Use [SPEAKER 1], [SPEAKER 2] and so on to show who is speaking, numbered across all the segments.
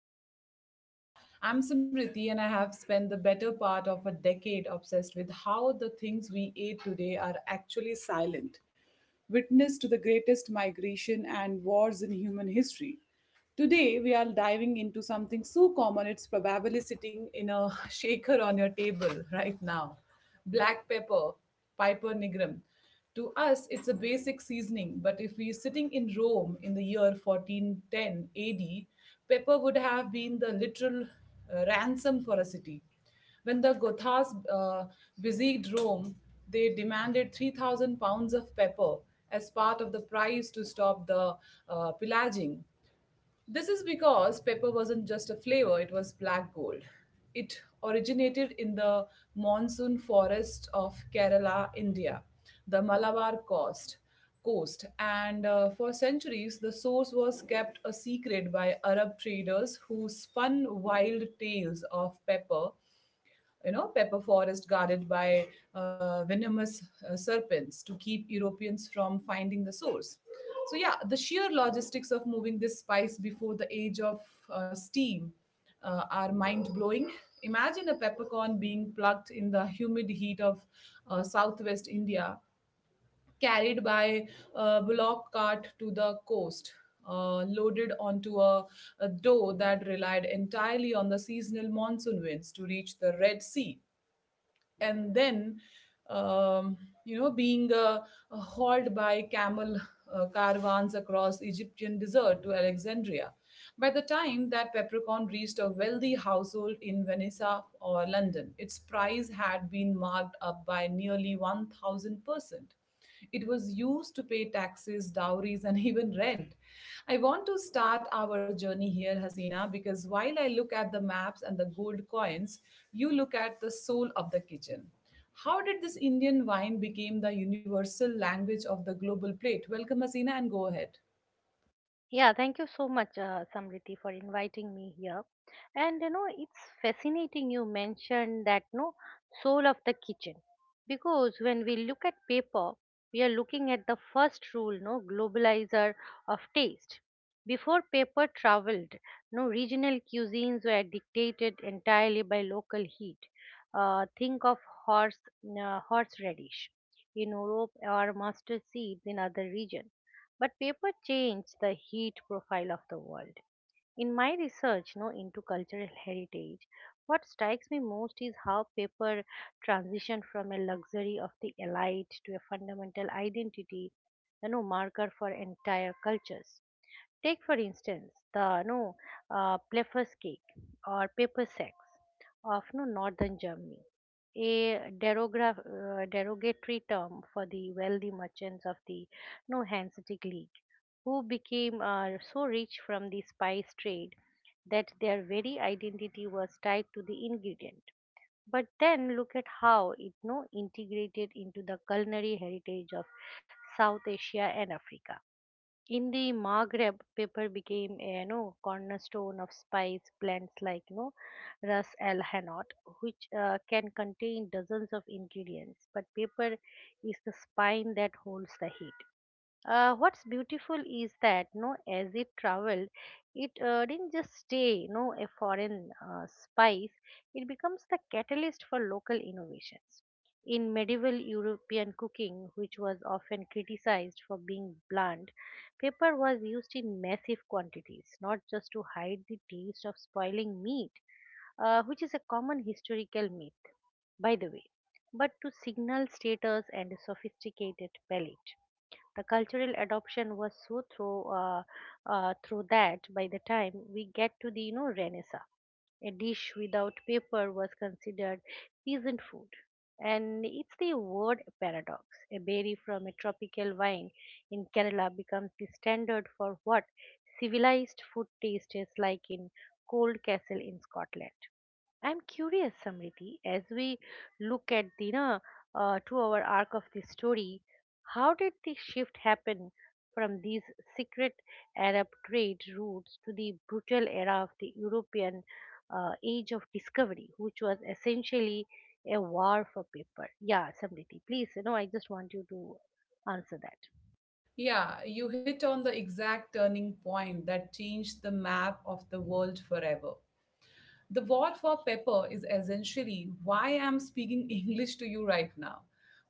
[SPEAKER 1] of the Global Plate. I'm Simriti, and I have spent the better part of a decade obsessed with how the things we eat today are actually silent, witness to the greatest migration and wars in human history. Today, we are diving into something so common, it's probably sitting in a shaker on your table right now black pepper, Piper nigrum. To us, it's a basic seasoning, but if we're sitting in Rome in the year 1410 AD, pepper would have been the literal ransom for a city. When the Gothas besieged Rome, they demanded 3,000 pounds of pepper as part of the price to stop the pillaging. This is because pepper wasn't just a flavor, it was black gold. It originated in the monsoon forest of Kerala, India, the Malabar coast. Coast, and for centuries, the source was kept a secret by Arab traders who spun wild tales of pepper, pepper forest guarded by venomous serpents to keep europeans from finding the source. So, the sheer logistics of moving this spice before the age of steam are mind blowing. Imagine a peppercorn being plucked in the humid heat of southwest india, carried by a bullock cart to the coast, loaded onto a dough that relied entirely on the seasonal monsoon winds to reach the Red Sea, and then um, being hauled by camel caravans across egyptian desert to alexandria. By the time that peppercorn reached a wealthy household in venice or london, its price had been marked up by nearly 1000%. It was used to pay taxes, dowries, and even rent. I want to start our journey here, Hasina, because while I look at the maps and the gold coins, you look at the soul of the kitchen. How did this Indian wine become the universal language of the global plate? Welcome, Hasina, and go ahead.
[SPEAKER 2] Yeah, thank you so much, Samriti, for inviting me here. And it's fascinating you mentioned that no soul of the kitchen, because when we look at paper, we are looking at the first rule, no globalizer of taste. Before paper traveled, no regional cuisines were dictated entirely by local heat. Think of horse horseradish in Europe or mustard seeds in other regions, but paper changed the heat profile of the world. In my research, into cultural heritage, what strikes me most is how paper transitioned from a luxury of the elite to a fundamental identity, marker for entire cultures. Take, for instance, the no Pleffers cake or paper sacks of no northern Germany, a derogatory term for the wealthy merchants of the no Hanseatic League, who became so rich from the spice trade that their very identity was tied to the ingredient. But then look at how it no integrated into the culinary heritage of South Asia and Africa. In the Maghreb, paper became a, cornerstone of spice blends like, Ras El Hanout, which can contain dozens of ingredients. But paper is the spine that holds the heat. What's beautiful is that, no, as it traveled, it didn't just stay, no a foreign spice. It becomes the catalyst for local innovations. In medieval European cooking, which was often criticized for being blunt, pepper was used in massive quantities, not just to hide the taste of spoiling meat, which is a common historical myth, by the way, but to signal status and a sophisticated palate. The cultural adoption was so through through that by the time we get to the, renaissance, a dish without paper was considered peasant food. And it's the word paradox, a berry from a tropical vine in Kerala becomes the standard for what civilized food tastes like in cold castle in Scotland. I'm curious, Samriti, as we look at the, two-hour arc of the story, how did the shift happen from these secret Arab trade routes to the brutal era of the European Age of Discovery, which was essentially a war for paper? Yeah, Samriti, please, I just want you to answer that.
[SPEAKER 1] Yeah, you hit on the exact turning point that changed the map of the world forever. The war for pepper is essentially why I'm speaking English to you right now.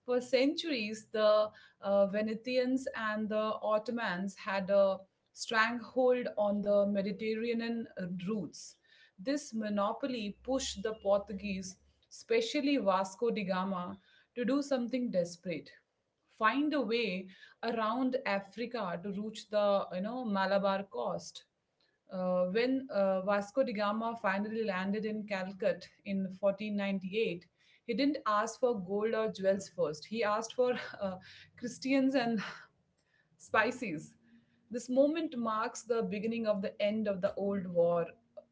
[SPEAKER 1] For centuries, the Venetians and the Ottomans had a stranglehold on the Mediterranean routes. This monopoly pushed the Portuguese, especially Vasco da Gama, to do something desperate: find a way around Africa to reach the Malabar coast. When Vasco da Gama finally landed in Calcut in 1498, he didn't ask for gold or jewels first. He asked for uh, Christians and Spices. This moment marks the beginning of the end of the Old War,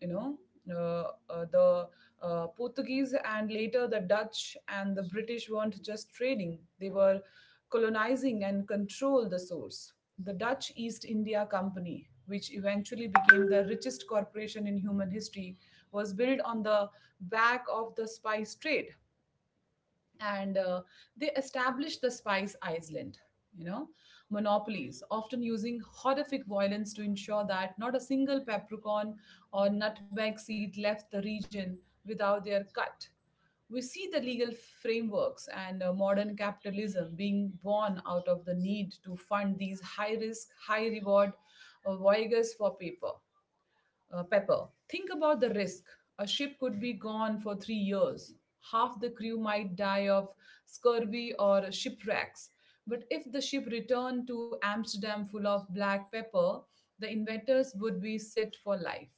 [SPEAKER 1] you know. The Portuguese and later the Dutch and the British weren't just trading, they were colonizing and control the source. The Dutch East India Company, which eventually became the richest corporation in human history, was built on the back of the spice trade, and they established the spice island, you know monopolies, often using horrific violence to ensure that not a single peppercorn or nutmeg seed left the region without their cut. We see the legal frameworks and modern capitalism being born out of the need to fund these high risk high reward voyages for paper Pepper. Think about the risk. A ship could be gone for 3 years. Half the crew might die of scurvy or shipwrecks. But if the ship returned to Amsterdam full of black pepper, the inventors would be set for life.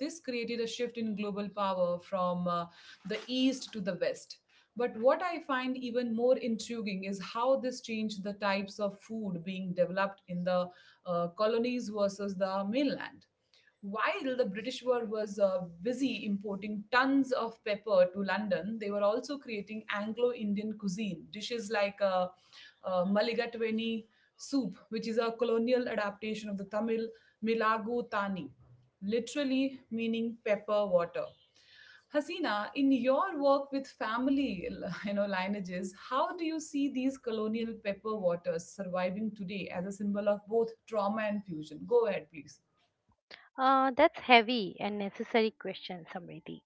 [SPEAKER 1] This created a shift in global power from the east to the west. But what I find even more intriguing is how this changed the types of food being developed in the colonies versus the mainland. While the British were was busy importing tons of pepper to London, they were also creating Anglo-Indian cuisine dishes like Maligatweni soup, which is a colonial adaptation of the Tamil Milagu Thani, literally meaning pepper water. Hasina, in your work with family, you know, lineages, how do you see these colonial pepper waters surviving today as a symbol of both trauma and fusion? Go ahead, please.
[SPEAKER 2] That's heavy and necessary question, Samriti.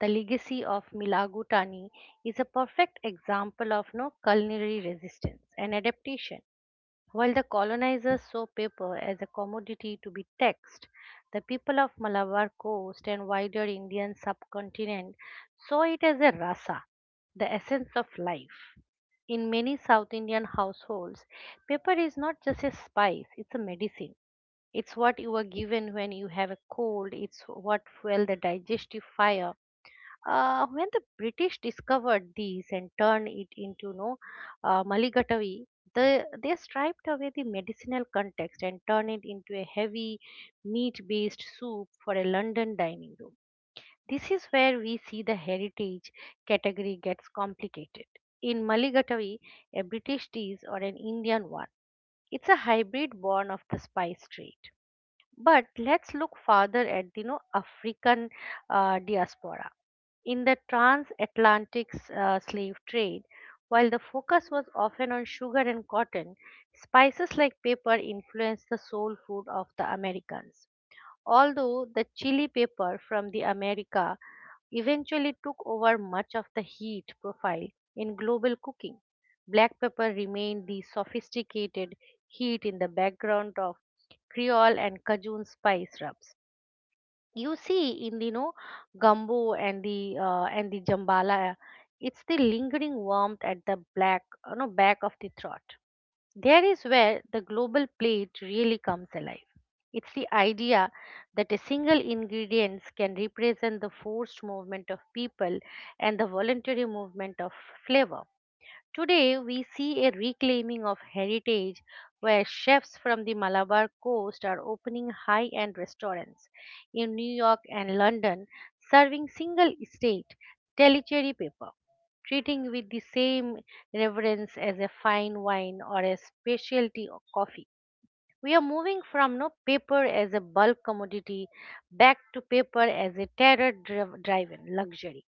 [SPEAKER 2] The legacy of Milagu Tani is a perfect example of no culinary resistance and adaptation. While the colonizers saw paper as a commodity to be taxed, the people of Malabar coast and wider Indian subcontinent saw it as a rasa, the essence of life. In many South Indian households, paper is not just a spice, it's a medicine. It's what you are given when you have a cold. It's what fuel the digestive fire. When the British discovered these and turned it into, Maligatavi, they striped away the medicinal context and turned it into a heavy meat based soup for a London dining room. This is where we see the heritage category gets complicated. In Maligatavi, a British dish or an Indian one, it's a hybrid born of the spice trade. But let's look farther at the, African diaspora in the transatlantic slave trade. While the focus was often on sugar and cotton, spices like pepper influenced the soul food of the Americans. Although the chili pepper from the America eventually took over much of the heat profile in global cooking, black pepper remained the sophisticated heat in the background of Creole and Cajun spice rubs you see in the, gumbo and the jambala. It's the lingering warmth at the black you know back of the throat. There is where the global plate really comes alive. It's the idea that a single ingredient can represent the forced movement of people and the voluntary movement of flavor. Today, we see a reclaiming of heritage where chefs from the Malabar coast are opening high end restaurants in New York and London, serving single estate telecherry paper, treating with the same reverence as a fine wine or a specialty coffee. We are moving from, no paper as a bulk commodity back to paper as a terror driven luxury.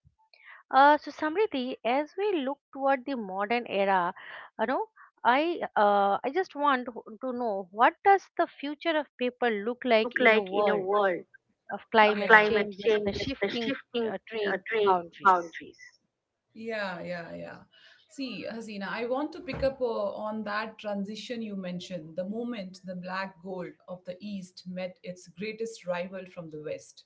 [SPEAKER 2] So, Samriti, as we look toward the modern era, you know, I just want to know, what does the future of paper look like
[SPEAKER 1] Look
[SPEAKER 2] in a
[SPEAKER 1] like in a
[SPEAKER 2] world
[SPEAKER 1] world
[SPEAKER 2] of
[SPEAKER 1] of Yeah.
[SPEAKER 2] climate
[SPEAKER 1] climate
[SPEAKER 2] change, just
[SPEAKER 1] change
[SPEAKER 2] the
[SPEAKER 1] is the
[SPEAKER 2] shifting
[SPEAKER 1] shifting
[SPEAKER 2] trade
[SPEAKER 1] trade
[SPEAKER 2] boundaries?
[SPEAKER 1] boundaries. Yeah, yeah, yeah. See, Hasina, I want to pick up on that transition you mentioned, the moment the black gold of the East met its greatest rival from the West.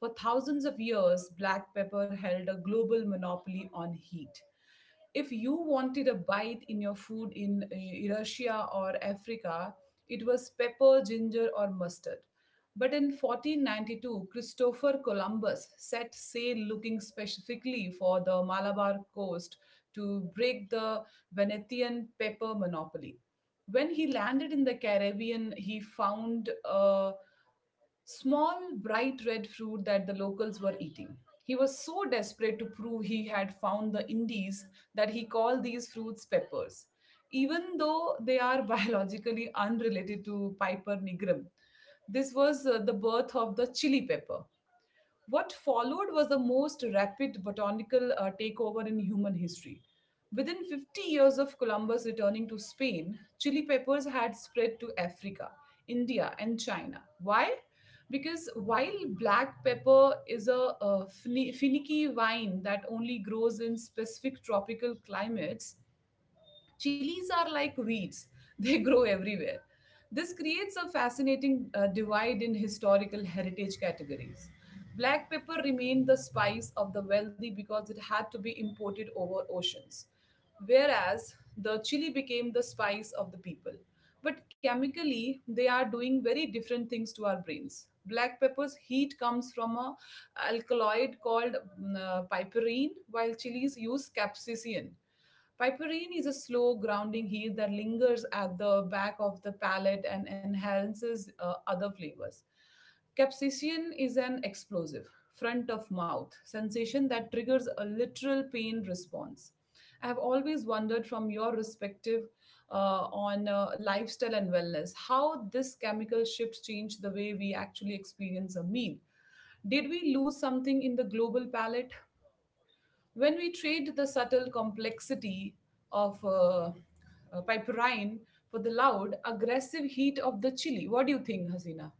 [SPEAKER 1] For thousands of years, black pepper held a global monopoly on heat. If you wanted a bite in your food in Russia or Africa, it was pepper, ginger, or mustard. But in 1492, Christopher Columbus set sail looking specifically for the Malabar coast to break the Venetian pepper monopoly. When he landed in the Caribbean, he found a small, bright red fruit that the locals were eating. He was so desperate to prove he had found the Indies that he called these fruits peppers, even though they are biologically unrelated to Piper nigrum. This was the birth of the chili pepper. What followed was the most rapid botanical takeover in human history. Within 50 years of Columbus returning to Spain, chili peppers had spread to Africa, India, and China. Why? Because while black pepper is a finicky vine that only grows in specific tropical climates, Chilies are like weeds, they grow everywhere. This creates a fascinating divide in historical heritage categories. Black pepper remained the spice of the wealthy because it had to be imported over oceans, whereas the chili became the spice of the people. But chemically, they are doing very different things to our brains. Black pepper's heat comes from a alkaloid called piperine, while chilies use capsaicin. Piperine is a slow, grounding heat that lingers at the back of the palate and enhances other flavors. Capsaicin is an explosive, front of mouth sensation that triggers a literal pain response. I have always wondered from your perspective on lifestyle and wellness how this chemical shift changed the way we actually experience a meal. Did we lose something in the global palate? When we trade the subtle complexity of piperine for the loud, aggressive heat of the chili, what do you think, Hasina?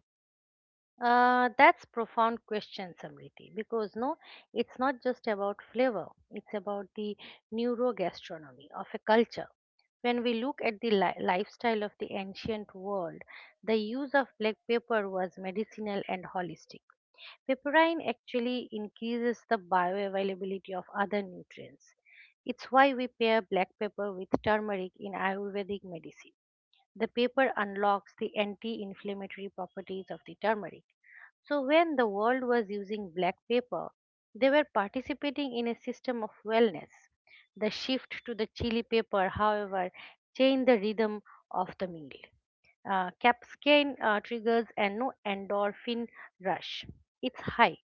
[SPEAKER 2] That's profound question, Samriti, because, it's not just about flavor, it's about the neurogastronomy of a culture. When we look at the lifestyle of the ancient world, the use of black pepper was medicinal and holistic. Pepperine actually increases the bioavailability of other nutrients. It's why we pair black pepper with turmeric in Ayurvedic medicine. The paper unlocks the anti inflammatory properties of the turmeric. So, when the world was using black paper, they were participating in a system of wellness. The shift to the chili paper, however, changed the rhythm of the meal. Capsaicin triggers an endorphin rush. It's high,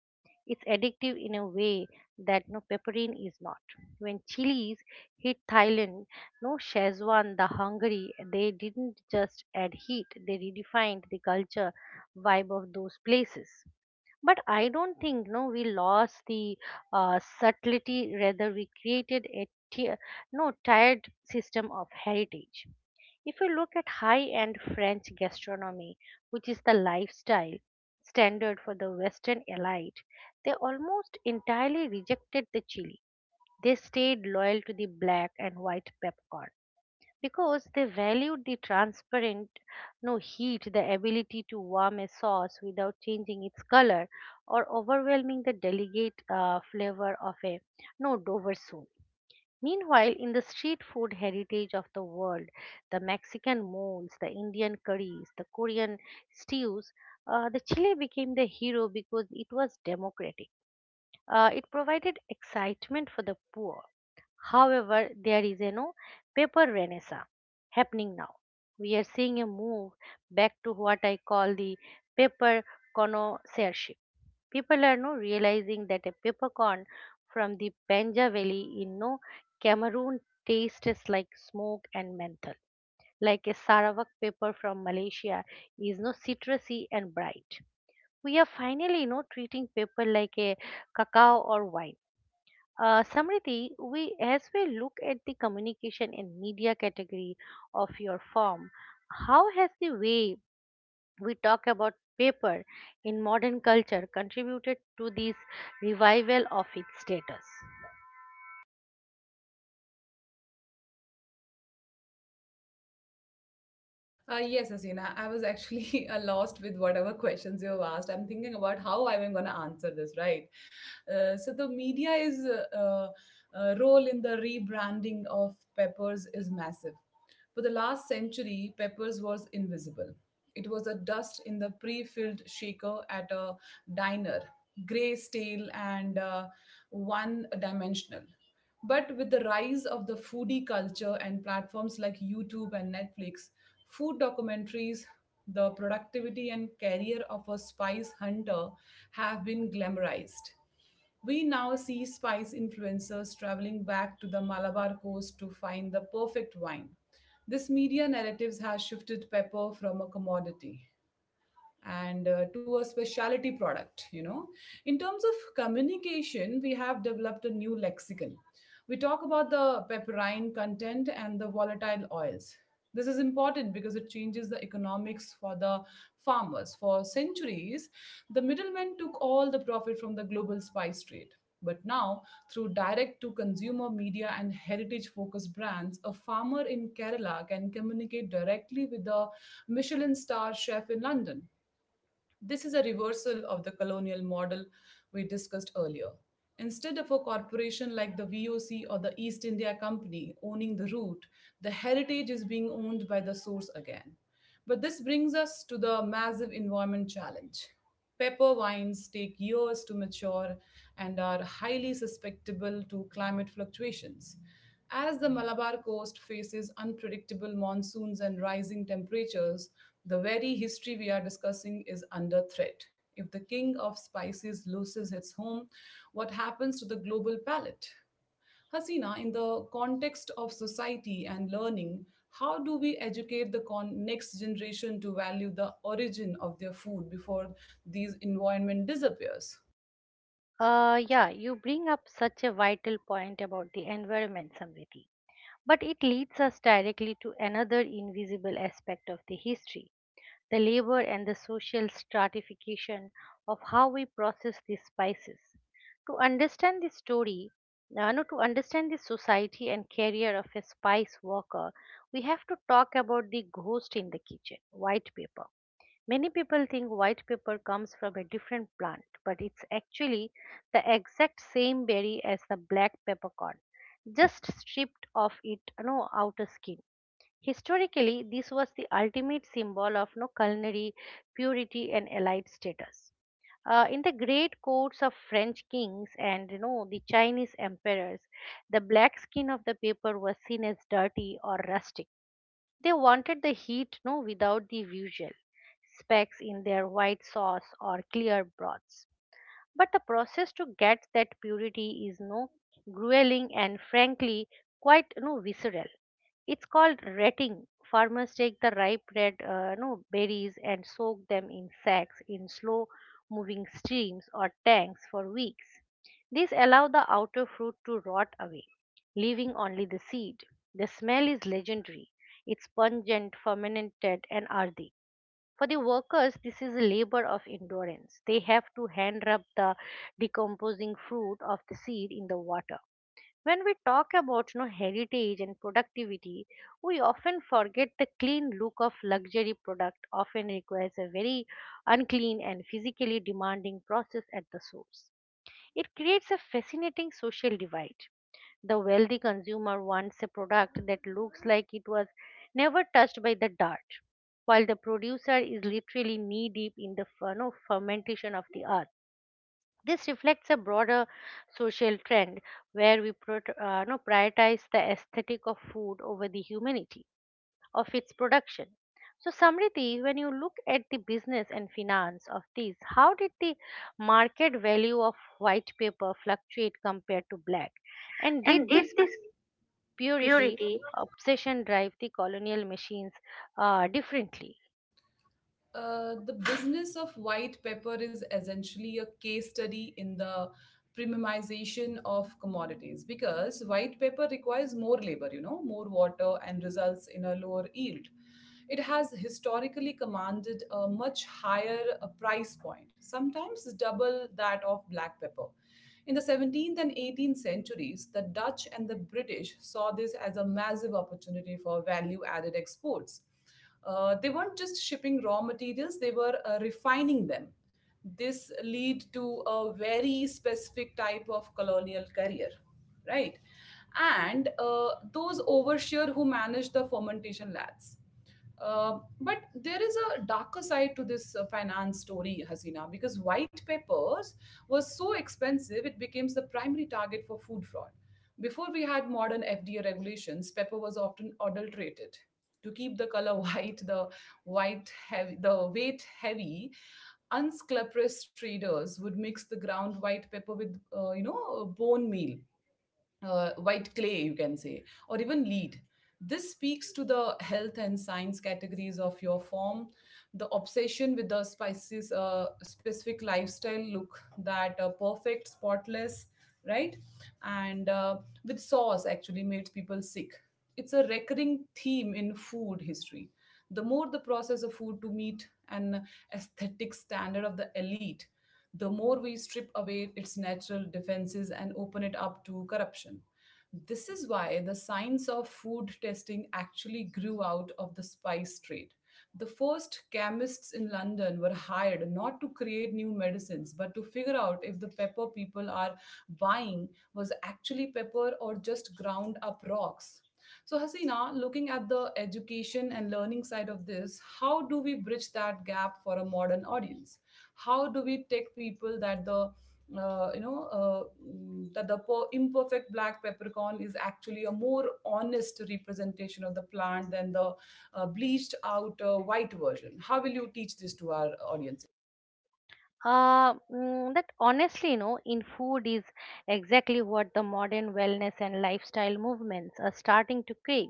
[SPEAKER 2] it's addictive in a way that pepperine is not. When chilies hit Thailand, no Schezwan, the Hungary, they didn't just add heat, they redefined the culture vibe of those places. But I don't think no we lost the subtlety, rather we created a tier, no tired system of heritage. If you look at high end French gastronomy, which is the lifestyle standard for the Western elite, they almost entirely rejected the chili. They stayed loyal to the black and white peppercorn because they valued the transparent, no heat, the ability to warm a sauce without changing its color or overwhelming the delicate flavor of a, no Dover sauce. Meanwhile, in the street food heritage of the world, the Mexican moles, the Indian curries, the Korean stews, the Chile became the hero because it was democratic. It provided excitement for the poor. However, there is a, no paper renaissance happening now. We are seeing a move back to what I call the paper connoisseurship. People are now realizing that a peppercorn from the Benja Valley in, no Cameroon tastes like smoke and menthol. Like a Sarawak pepper from Malaysia is, no citrusy and bright. We are finally, treating pepper like a cacao or wine. Samriti, we as we look at the communication and media category of your firm, how has the way we talk about paper in modern culture contributed to this revival of its status?
[SPEAKER 1] Yes, Asina, I was actually lost with whatever questions you have asked. I'm thinking about how I'm going to answer this, right? So, the media is role in the rebranding of Peppers is massive. For the last century, Peppers was invisible. It was a dust in the pre filled shaker at a diner, gray, stale, and one dimensional. But with the rise of the foodie culture and platforms like YouTube and Netflix, food documentaries, the productivity and career of a spice hunter have been glamorized. We now see spice influencers traveling back to the Malabar coast to find the perfect wine. This media narratives has shifted pepper from a commodity and to a specialty product. In terms of communication, we have developed a new lexicon. We talk about the pepperine content and the volatile oils. This is important because it changes the economics for the farmers. For centuries, the middlemen took all the profit from the global spice trade, but now, through direct to consumer media and heritage focused brands, a farmer in Kerala can communicate directly with a Michelin star chef in London. This is a reversal of the colonial model we discussed earlier. Instead of a corporation like the VOC or the East India Company owning the route, the heritage is being owned by the source again. But this brings us to the massive environment challenge. Pepper vines take years to mature and are highly susceptible to climate fluctuations. As the Malabar coast faces unpredictable monsoons and rising temperatures, the very history we are discussing is under threat. If the king of spices loses its home, what happens to the global palate? Hasina, in the context of society and learning, how do we educate the next generation to value the origin of their food before these environment disappears?
[SPEAKER 2] Yeah, you bring up such a vital point about the environment, Samriti. But it leads us directly to another invisible aspect of the history, the labor and the social stratification of how we process these spices. To understand the story, no, to understand the society and career of a spice worker, we have to talk about the ghost in the kitchen, white pepper. Many people think white pepper comes from a different plant, but it's actually the exact same berry as the black peppercorn, just stripped of its, outer skin. Historically, this was the ultimate symbol of no culinary purity and elite status. In the great courts of French kings and, the Chinese emperors, the black skin of the paper was seen as dirty or rustic. They wanted the heat, without the usual specks in their white sauce or clear broths. But the process to get that purity is, no grueling and frankly quite, no visceral. It's called retting. Farmers take the ripe red, no, berries and soak them in sacks in slow moving streams or tanks for weeks. This allows the outer fruit to rot away, leaving only the seed. The smell is legendary. It's pungent, fermented, and earthy. For the workers, this is a labor of endurance. They have to hand rub the decomposing fruit of the seed in the water. When we talk about, heritage and productivity, we often forget the clean look of luxury product often requires a very unclean and physically demanding process at the source. It creates a fascinating social divide. The wealthy consumer wants a product that looks like it was never touched by the dart, while the producer is literally knee deep in the, fermentation of the earth. This reflects a broader social trend where we pro- no, prioritize the aesthetic of food over the humanity of its production. So, Samriti, when you look at the business and finance of these, how did the market value of white paper fluctuate compared to black? And did
[SPEAKER 1] And did
[SPEAKER 2] this
[SPEAKER 1] this
[SPEAKER 2] purity
[SPEAKER 1] purity
[SPEAKER 2] obsession drive the colonial machines differently?
[SPEAKER 1] The business of white pepper is essentially a case study in the premiumization of commodities because white pepper requires more labor, you know, more water and results in a lower yield. It has historically commanded a much higher price point, sometimes double that of black pepper. In the 17th and 18th centuries, the Dutch and the British saw this as a massive opportunity for value added exports. They weren't just shipping raw materials, they were refining them. This lead to a very specific type of colonial career, right? And those overseer who managed the fermentation labs but there is a darker side to this finance story, Hasina, because white peppers was so expensive it became the primary target for food fraud. Before we had modern FDA regulations, pepper was often adulterated. To keep the color white, the weight heavy, unscrupulous traders would mix the ground white pepper with, bone meal white clay, you can say, or even lead. This speaks to the health and science categories of your form. The obsession with the spices, specific lifestyle look that perfect, spotless, right? And with sauce actually makes people sick. It's a recurring theme in food history. The more the process of food to meet an aesthetic standard of the elite, the more we strip away its natural defenses and open it up to corruption. This is why the science of food testing actually grew out of the spice trade. The first chemists in London were hired not to create new medicines, but to figure out if the pepper people are buying was actually pepper or just ground up rocks. So, Hasina, looking at the education and learning side of this, how do we bridge that gap for a modern audience? How do we take people that the you know mm, that the per- imperfect black peppercorn is actually a more honest representation of the plant than the bleached out white version? How will you teach this to our audience?
[SPEAKER 2] That honestly, no, in food is exactly what the modern wellness and lifestyle movements are starting to crave.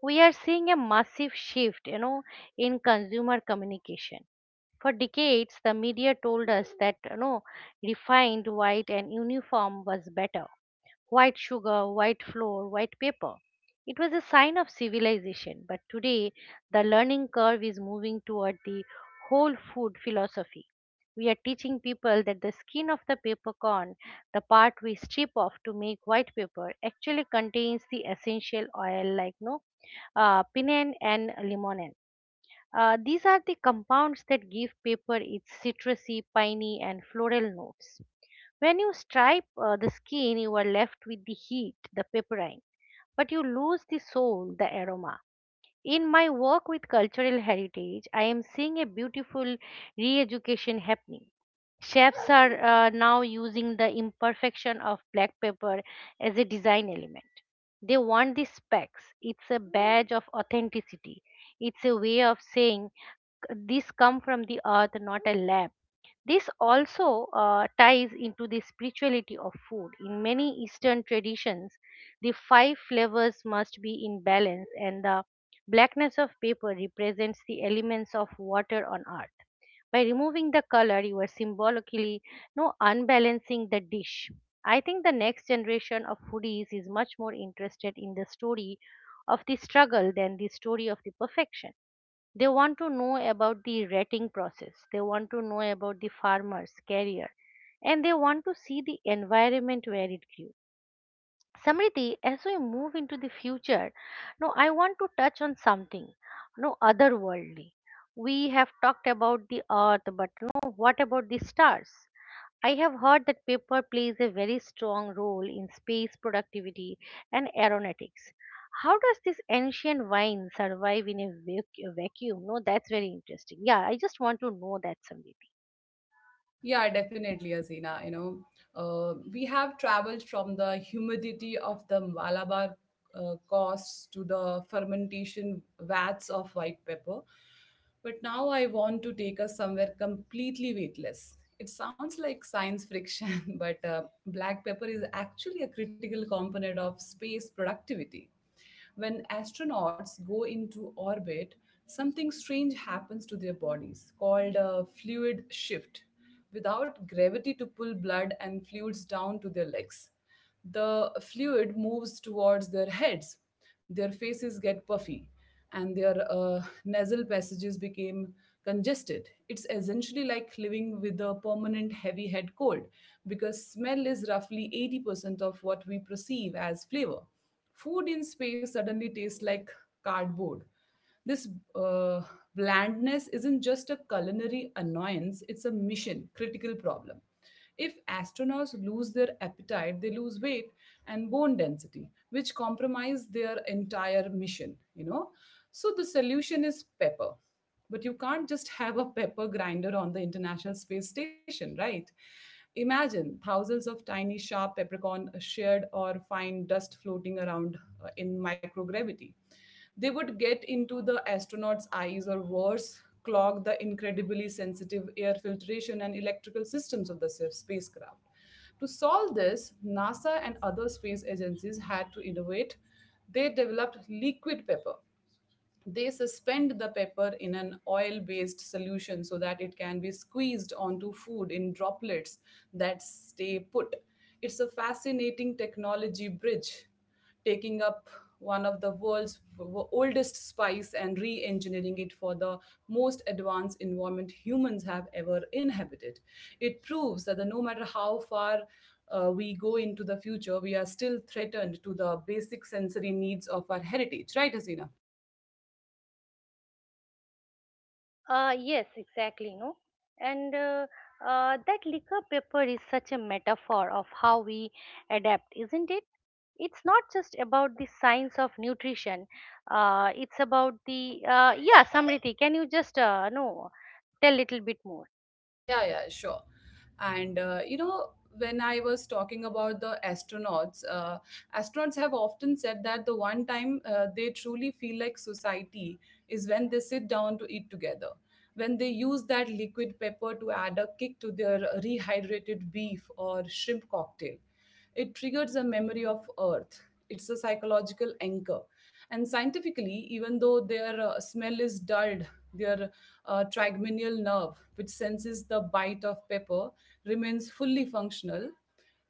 [SPEAKER 2] We are seeing a massive shift, in consumer communication. For decades, the media told us that, refined, white, and uniform was better, white sugar, white flour, white paper. It was a sign of civilization, but today the learning curve is moving toward the whole food philosophy. We are teaching people that the skin of the paper corn, the part we strip off to make white paper, actually contains the essential oil like no pinene and limonene. These are the compounds that give paper its citrusy, piney, and floral notes. When you stripe the skin, you are left with the heat, the pepperine, but you lose the soul, the aroma. In my work with cultural heritage, I am seeing a beautiful re education happening. Chefs are now using the imperfection of black pepper as a design element. They want the specks. It's a badge of authenticity. It's a way of saying this come from the earth, not a lab. This also ties into the spirituality of food. In many Eastern traditions, the five flavors must be in balance, and the blackness of paper represents the elements of water on earth. By removing the color, you are symbolically no unbalancing the dish. I think the next generation of foodies is much more interested in the story of the struggle than the story of the perfection. They want to know about the rating process, they want to know about the farmer's career, and they want to see the environment where it grew. Samriti, as we move into the future, no, I want to touch on something no otherworldly. We have talked about the earth, but no, what about the stars? I have heard that paper plays a very strong role in space productivity and aeronautics. How does this ancient wine survive in a vacuum? No, that's very interesting. Yeah, I just want to know that, Samriti.
[SPEAKER 1] Yeah, definitely, Azina, you know, we have traveled from the humidity of the Malabar coasts to the fermentation vats of white pepper. But now I want to take us somewhere completely weightless. It sounds like science friction, but black pepper is actually a critical component of space productivity. When astronauts go into orbit, something strange happens to their bodies called a fluid shift. Without gravity to pull blood and fluids down to their legs, the fluid moves towards their heads. Their faces get puffy, and their nasal passages became congested. It's essentially like living with a permanent heavy head cold because smell is roughly 80% of what we perceive as flavor. Food in space suddenly tastes like cardboard. This uh, blandness isn't just a culinary annoyance, it's a mission critical problem. If astronauts lose their appetite, they lose weight and bone density, which compromise their entire mission, you know. So the solution is pepper. But you can't just have a pepper grinder on the International Space Station, right? Imagine thousands of tiny, sharp peppercorn shared or fine dust floating around in microgravity. They would get into the astronaut's eyes or worse, clog the incredibly sensitive air filtration and electrical systems of the spacecraft. To solve this, NASA and other space agencies had to innovate. They developed liquid pepper, they suspend the pepper in an oil based solution so that it can be squeezed onto food in droplets that stay put. It's a fascinating technology bridge, taking up one of the world's oldest spice and re engineering it for the most advanced environment humans have ever inhabited. It proves that the, no matter how far we go into the future, we are still threatened to the basic sensory needs of our heritage, right, Hasina?
[SPEAKER 2] Yes, exactly. No, and that liquor paper is such a metaphor of how we adapt, isn't it? It's not just about the science of nutrition. It's about the yeah, Samriti. Can you just no tell little bit more?
[SPEAKER 1] Yeah, yeah, sure. And you know, when I was talking about the astronauts, astronauts have often said that the one time they truly feel like society is when they sit down to eat together. When they use that liquid pepper to add a kick to their rehydrated beef or shrimp cocktail, it triggers a memory of Earth. It's a psychological anchor. And scientifically, even though their smell is dulled, their trigeminal nerve, which senses the bite of pepper, remains fully functional.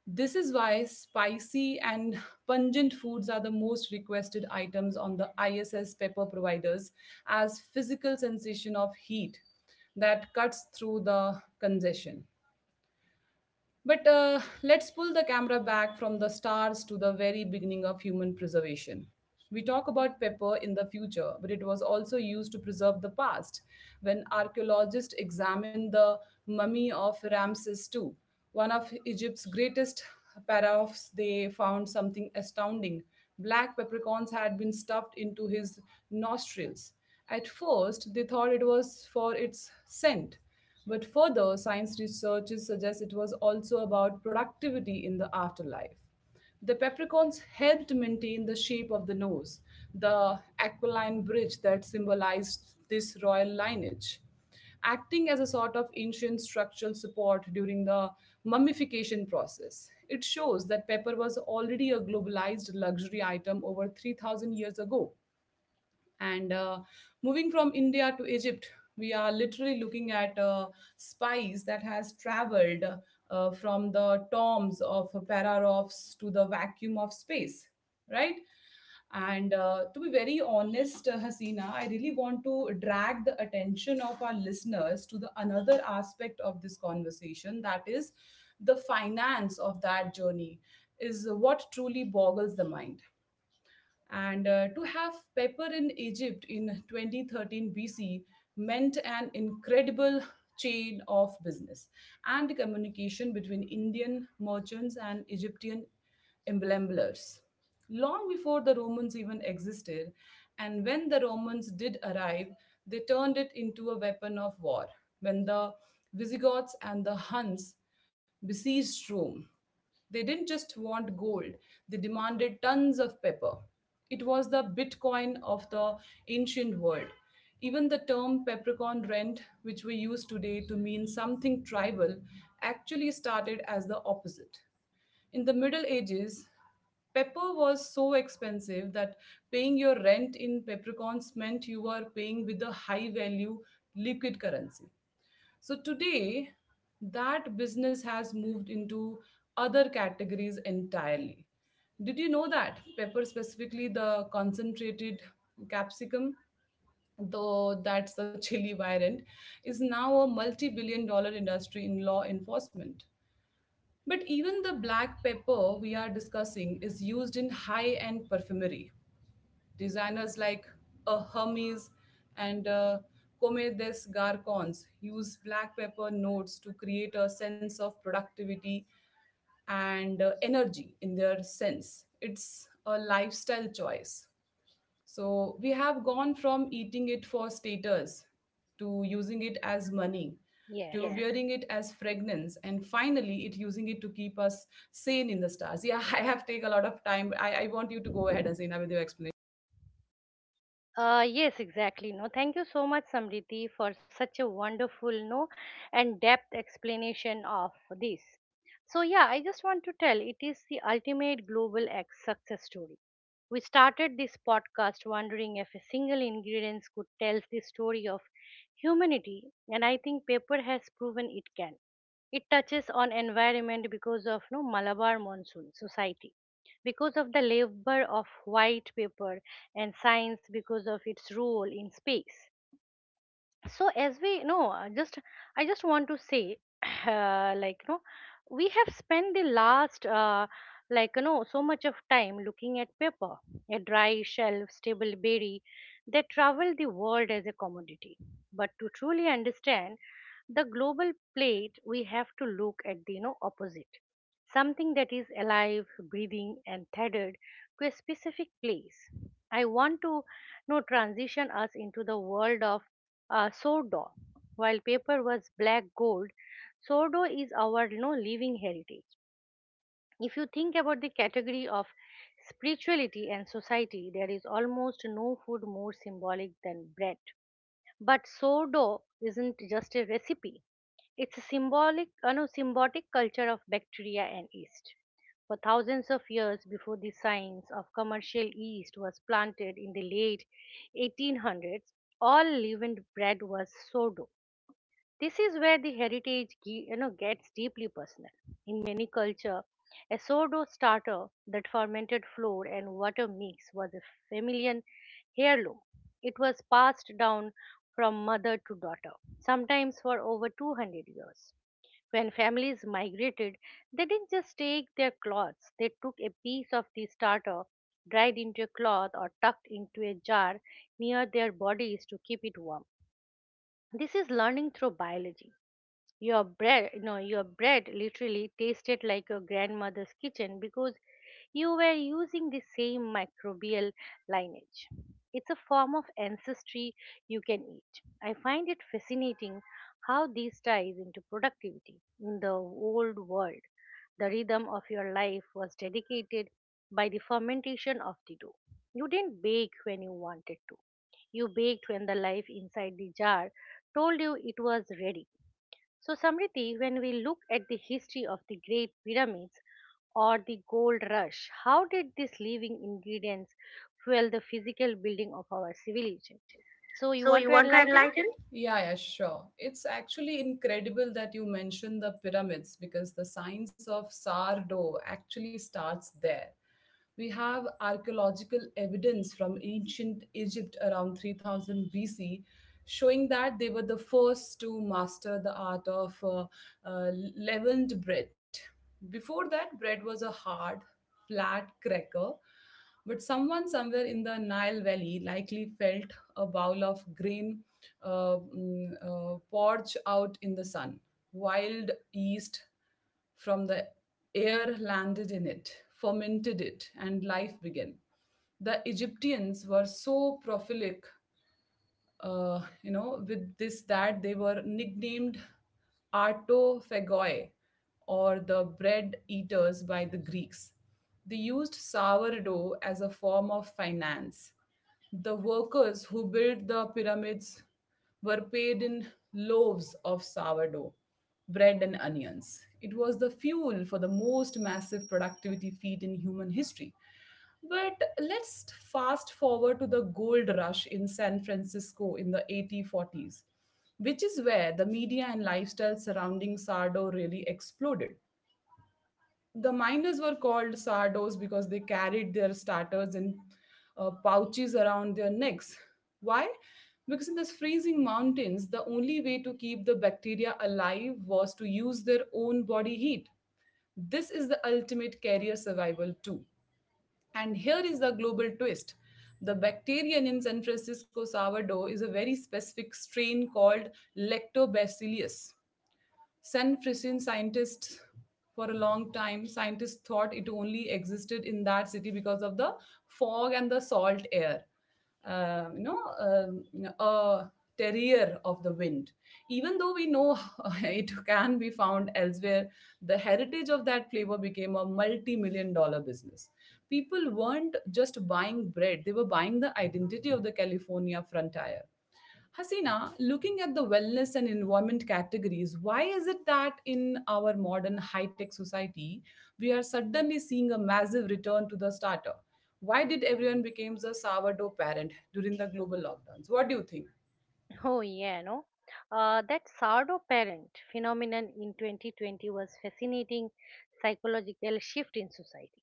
[SPEAKER 1] This is why spicy and pungent foods are the most requested items on the ISS pepper providers as physical sensation of heat that cuts through the congestion. But let's pull the camera back from the stars to the very beginning of human preservation. We talk about pepper in the future, but it was also used to preserve the past when archaeologists examined the mummy of Ramses II. One of Egypt's greatest pharaohs, they found something astounding. Black peppercorns had been stuffed into his nostrils. At first, they thought it was for its scent, but further, science researchers suggest it was also about productivity in the afterlife. The peppercorns helped maintain the shape of the nose, the aquiline bridge that symbolized this royal lineage, acting as a sort of ancient structural support during the mummification process. It shows that pepper was already a globalized luxury item over 3,000 years ago. And Moving from India to Egypt, we are literally looking at spies that has traveled from the tombs of Pararovs to the vacuum of space, right? And to be very honest, Hasina, I really want to drag the attention of our listeners to the another aspect of this conversation, that is the finance of that journey, is what truly boggles the mind. And to have pepper in Egypt in 2013 BC meant an incredible chain of business and communication between Indian merchants and Egyptian emblemblers. Long before the Romans even existed, and when the Romans did arrive, they turned it into a weapon of war. When the Visigoths and the Huns besieged Rome, they didn't just want gold, they demanded tons of pepper. It was the Bitcoin of the ancient world. Even the term peppercorn rent, which we use today to mean something tribal, actually started as the opposite. In the Middle Ages, pepper was so expensive that paying your rent in peppercorns meant you were paying with a high value liquid currency. So today, that business has moved into other categories entirely. Did you know that pepper, specifically the concentrated capsicum, though that's the chili variant, is now a multi billion-dollar industry in law enforcement? But even the black pepper we are discussing is used in high end perfumery. Designers like Hermes and Comme des Garcons use black pepper notes to create a sense of productivity and energy in their sense. It's a lifestyle choice. So we have gone from eating it for status to using it as money to, yeah,
[SPEAKER 2] Yes.
[SPEAKER 1] wearing it as fragrance and finally it using it to keep us sane in the stars, yeah. I have take a lot of time. I want you to go ahead, Asina, with your explanation.
[SPEAKER 2] Yes, exactly. No, thank you so much, Samriti, for such a wonderful, no, and depth explanation of this. So yeah, I just want to tell it is the ultimate global ex success story. We started this podcast wondering if a single ingredient could tell the story of humanity, and I think paper has proven it can. It touches on environment because of no Malabar monsoon society, because of the labor of white paper and science because of its role in space. So as we know, just I just want to say uh, like you know we have spent the last so much of time looking at paper, a dry shelf stable berry that travel the world as a commodity. But to truly understand the global plate, we have to look at the, opposite, something that is alive, breathing, and tethered to a specific place. I want to, transition us into the world of sourdough. While paper was black gold, sourdough is our, you know, living heritage. If you think about the category of spirituality and society, there is almost no food more symbolic than bread. But sourdough isn't just a recipe; it's a symbolic, no, symbiotic culture of bacteria and yeast. For thousands of years before the science of commercial yeast was planted in the late 1800s, all leavened bread was sourdough. This is where the heritage gets deeply personal. In many culture, a sourdough starter that fermented flour and water mix was a familial heirloom. It was passed down from mother to daughter, sometimes for over 200 years. When families migrated, they didn't just take their clothes, they took a piece of the starter, dried into a cloth, or tucked into a jar near their bodies to keep it warm. This is learning through biology. Your bread, no, Your bread literally tasted like your grandmother's kitchen because you were using the same microbial lineage. It's a form of ancestry you can eat. I find it fascinating how this ties into productivity in the old world. The rhythm of your life was dedicated by the fermentation of the dough. You didn't bake when you wanted to. You baked when the life inside the jar told you it was ready. So, Samriti, when we look at the history of the Great Pyramids or the Gold Rush, how did these living ingredients fuel the physical building of our civilization? So, you
[SPEAKER 1] So
[SPEAKER 2] want
[SPEAKER 1] you
[SPEAKER 2] to
[SPEAKER 1] want to
[SPEAKER 2] enlighten?
[SPEAKER 1] enlighten? Yeah, yeah, sure. It's actually incredible that you mentioned the pyramids because the science of sourdough actually starts there. We have archaeological evidence from ancient Egypt around 3000 BC showing that they were the first to master the art of leavened bread. Before that, bread was a hard, flat cracker but someone somewhere in the Nile Valley likely felt a bowl of grain porch out in the sun. Wild yeast from the air landed in it, fermented it, and life began. The Egyptians were so prolific, with this that they were nicknamed artophagoi or the bread eaters by the Greeks. They used sourdough as a form of finance. The workers who built the pyramids were paid in loaves of sourdough, bread, and onions. It was the fuel for the most massive productivity feat in human history. But let's fast forward to the gold rush in San Francisco in the 1840s, which is where the media and lifestyle surrounding sourdough really exploded. The miners were called sardos because they carried their starters in pouches around their necks. Why? Because in these freezing mountains, the only way to keep the bacteria alive was to use their own body heat. This is the ultimate carrier survival, too. And here is the global twist. The bacterium in San Francisco sourdough is a very specific strain called Lactobacillus. San Franciscan scientists. For a long time scientists thought it only existed in that city because of the fog and the salt air, a terrier of the wind, even though we know it can be found elsewhere. The heritage of that flavor became a multi-million-dollar business. People weren't just buying bread, they were buying the identity of the California frontier. Hasina, looking at the wellness and environment categories, why is it that in our modern high tech society, we are suddenly seeing a massive return to the starter? Why did everyone becomes a sourdough parent during the global lockdowns? What do you think?
[SPEAKER 2] Oh, yeah, no. That sourdough parent phenomenon in 2020 was fascinating psychological shift in society.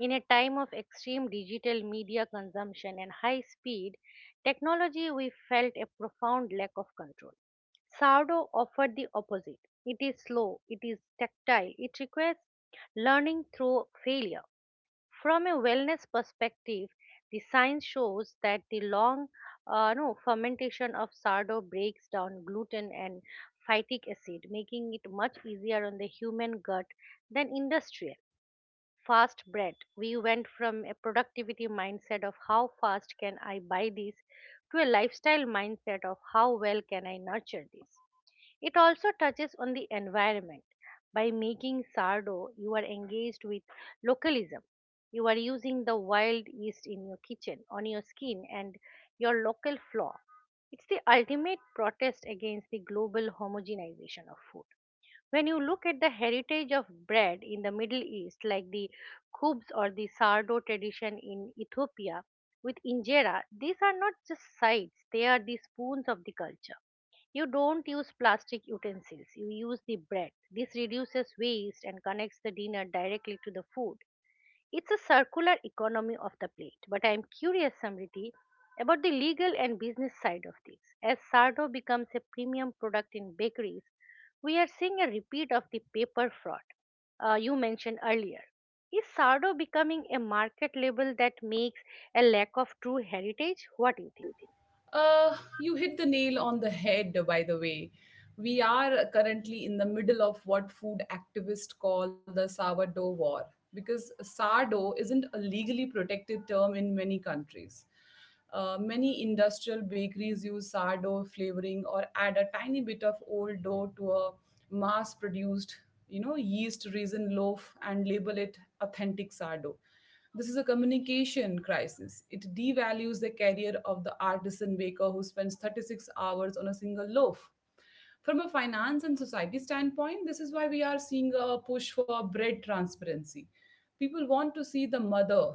[SPEAKER 2] In a time of extreme digital media consumption and high speed technology, we felt a profound lack of control. Sourdough offered the opposite. It is slow, it is tactile, it requires learning through failure. From a wellness perspective, the science shows that the long no, fermentation of sourdough breaks down gluten and phytic acid, making it much easier on the human gut than industrial fast bread. We went from a productivity mindset of how fast can I buy this to a lifestyle mindset of how well can I nurture this. It also touches on the environment. By making sardo, you are engaged with localism. You are using the wild yeast in your kitchen, on your skin, and your local flour. It's the ultimate protest against the global homogenization of food. When you look at the heritage of bread in the Middle East, like the khubs or the sourdough tradition in Ethiopia with injera, these are not just sides, they are the spoons of the culture. You don't use plastic utensils, you use the bread. This reduces waste and connects the dinner directly to the food. It's a circular economy of the plate, but I'm curious, Samriti, about the legal and business side of this. As sardo becomes a premium product in bakeries, we are seeing a repeat of the paper fraud you mentioned earlier. Is sardo becoming a market label that makes a lack of true heritage? What do you
[SPEAKER 1] What do
[SPEAKER 2] think?
[SPEAKER 1] you think? You hit the nail on the head, by the way. We are currently in the middle of what food activists call the sourdough war because sourdough isn't a legally protected term in many countries. Many industrial bakeries use sourdough flavoring or add a tiny bit of old dough to a mass produced, you know, yeast raisin loaf and label it authentic sourdough. This is a communication crisis. It devalues the career of the artisan baker who spends 36 hours on a single loaf. From a finance and society standpoint, this is why we are seeing a push for bread transparency. People want to see the mother.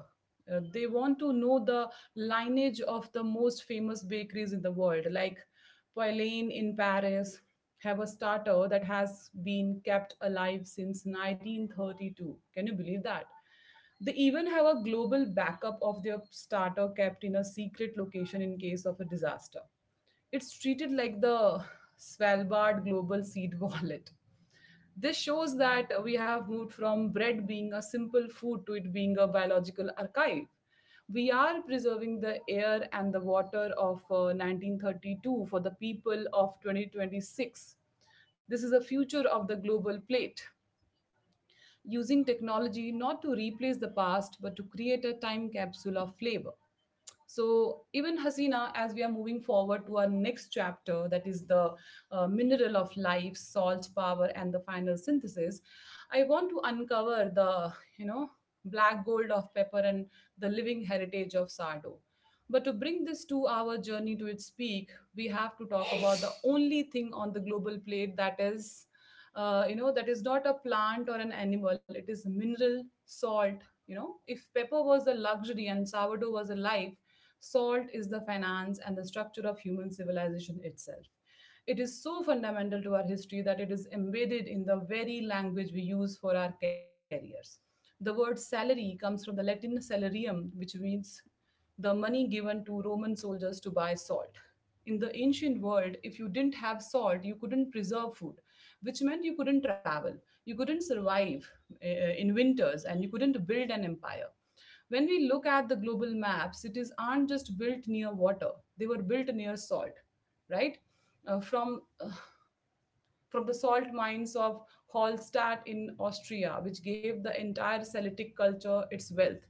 [SPEAKER 1] They want to know the lineage of the most famous bakeries in the world, like Poilane in Paris, have a starter that has been kept alive since 1932. Can you believe that? They even have a global backup of their starter kept in a secret location in case of a disaster. It's treated like the Svalbard Global Seed Wallet. This shows that we have moved from bread being a simple food to it being a biological archive. We are preserving the air and the water of 1932 for the people of 2026. This is the future of the global plate, using technology not to replace the past but to create a time capsule of flavor. So, even Hasina, as we are moving forward to our next chapter, that is the mineral of life, salt, power, and the final synthesis, I want to uncover the, black gold of pepper and the living heritage of Sardo. But to bring this 2 hour journey to its peak, we have to talk about the only thing on the global plate that is, that is not a plant or an animal, it is mineral, salt. You know, if pepper was a luxury and sourdough was a life, salt is the finance and the structure of human civilization itself. It is so fundamental to our history that it is embedded in the very language we use for our careers. The word salary comes from the Latin salarium, which means the money given to Roman soldiers to buy salt. In the ancient world, if you didn't have salt, you couldn't preserve food, which meant you couldn't travel, you couldn't survive uh, in winters, and you couldn't build an empire. When we look at the global maps, cities aren't just built near water, they were built near salt, right? Uh, from, uh, from the salt mines of Hallstatt in Austria, which gave the entire Celtic culture its wealth,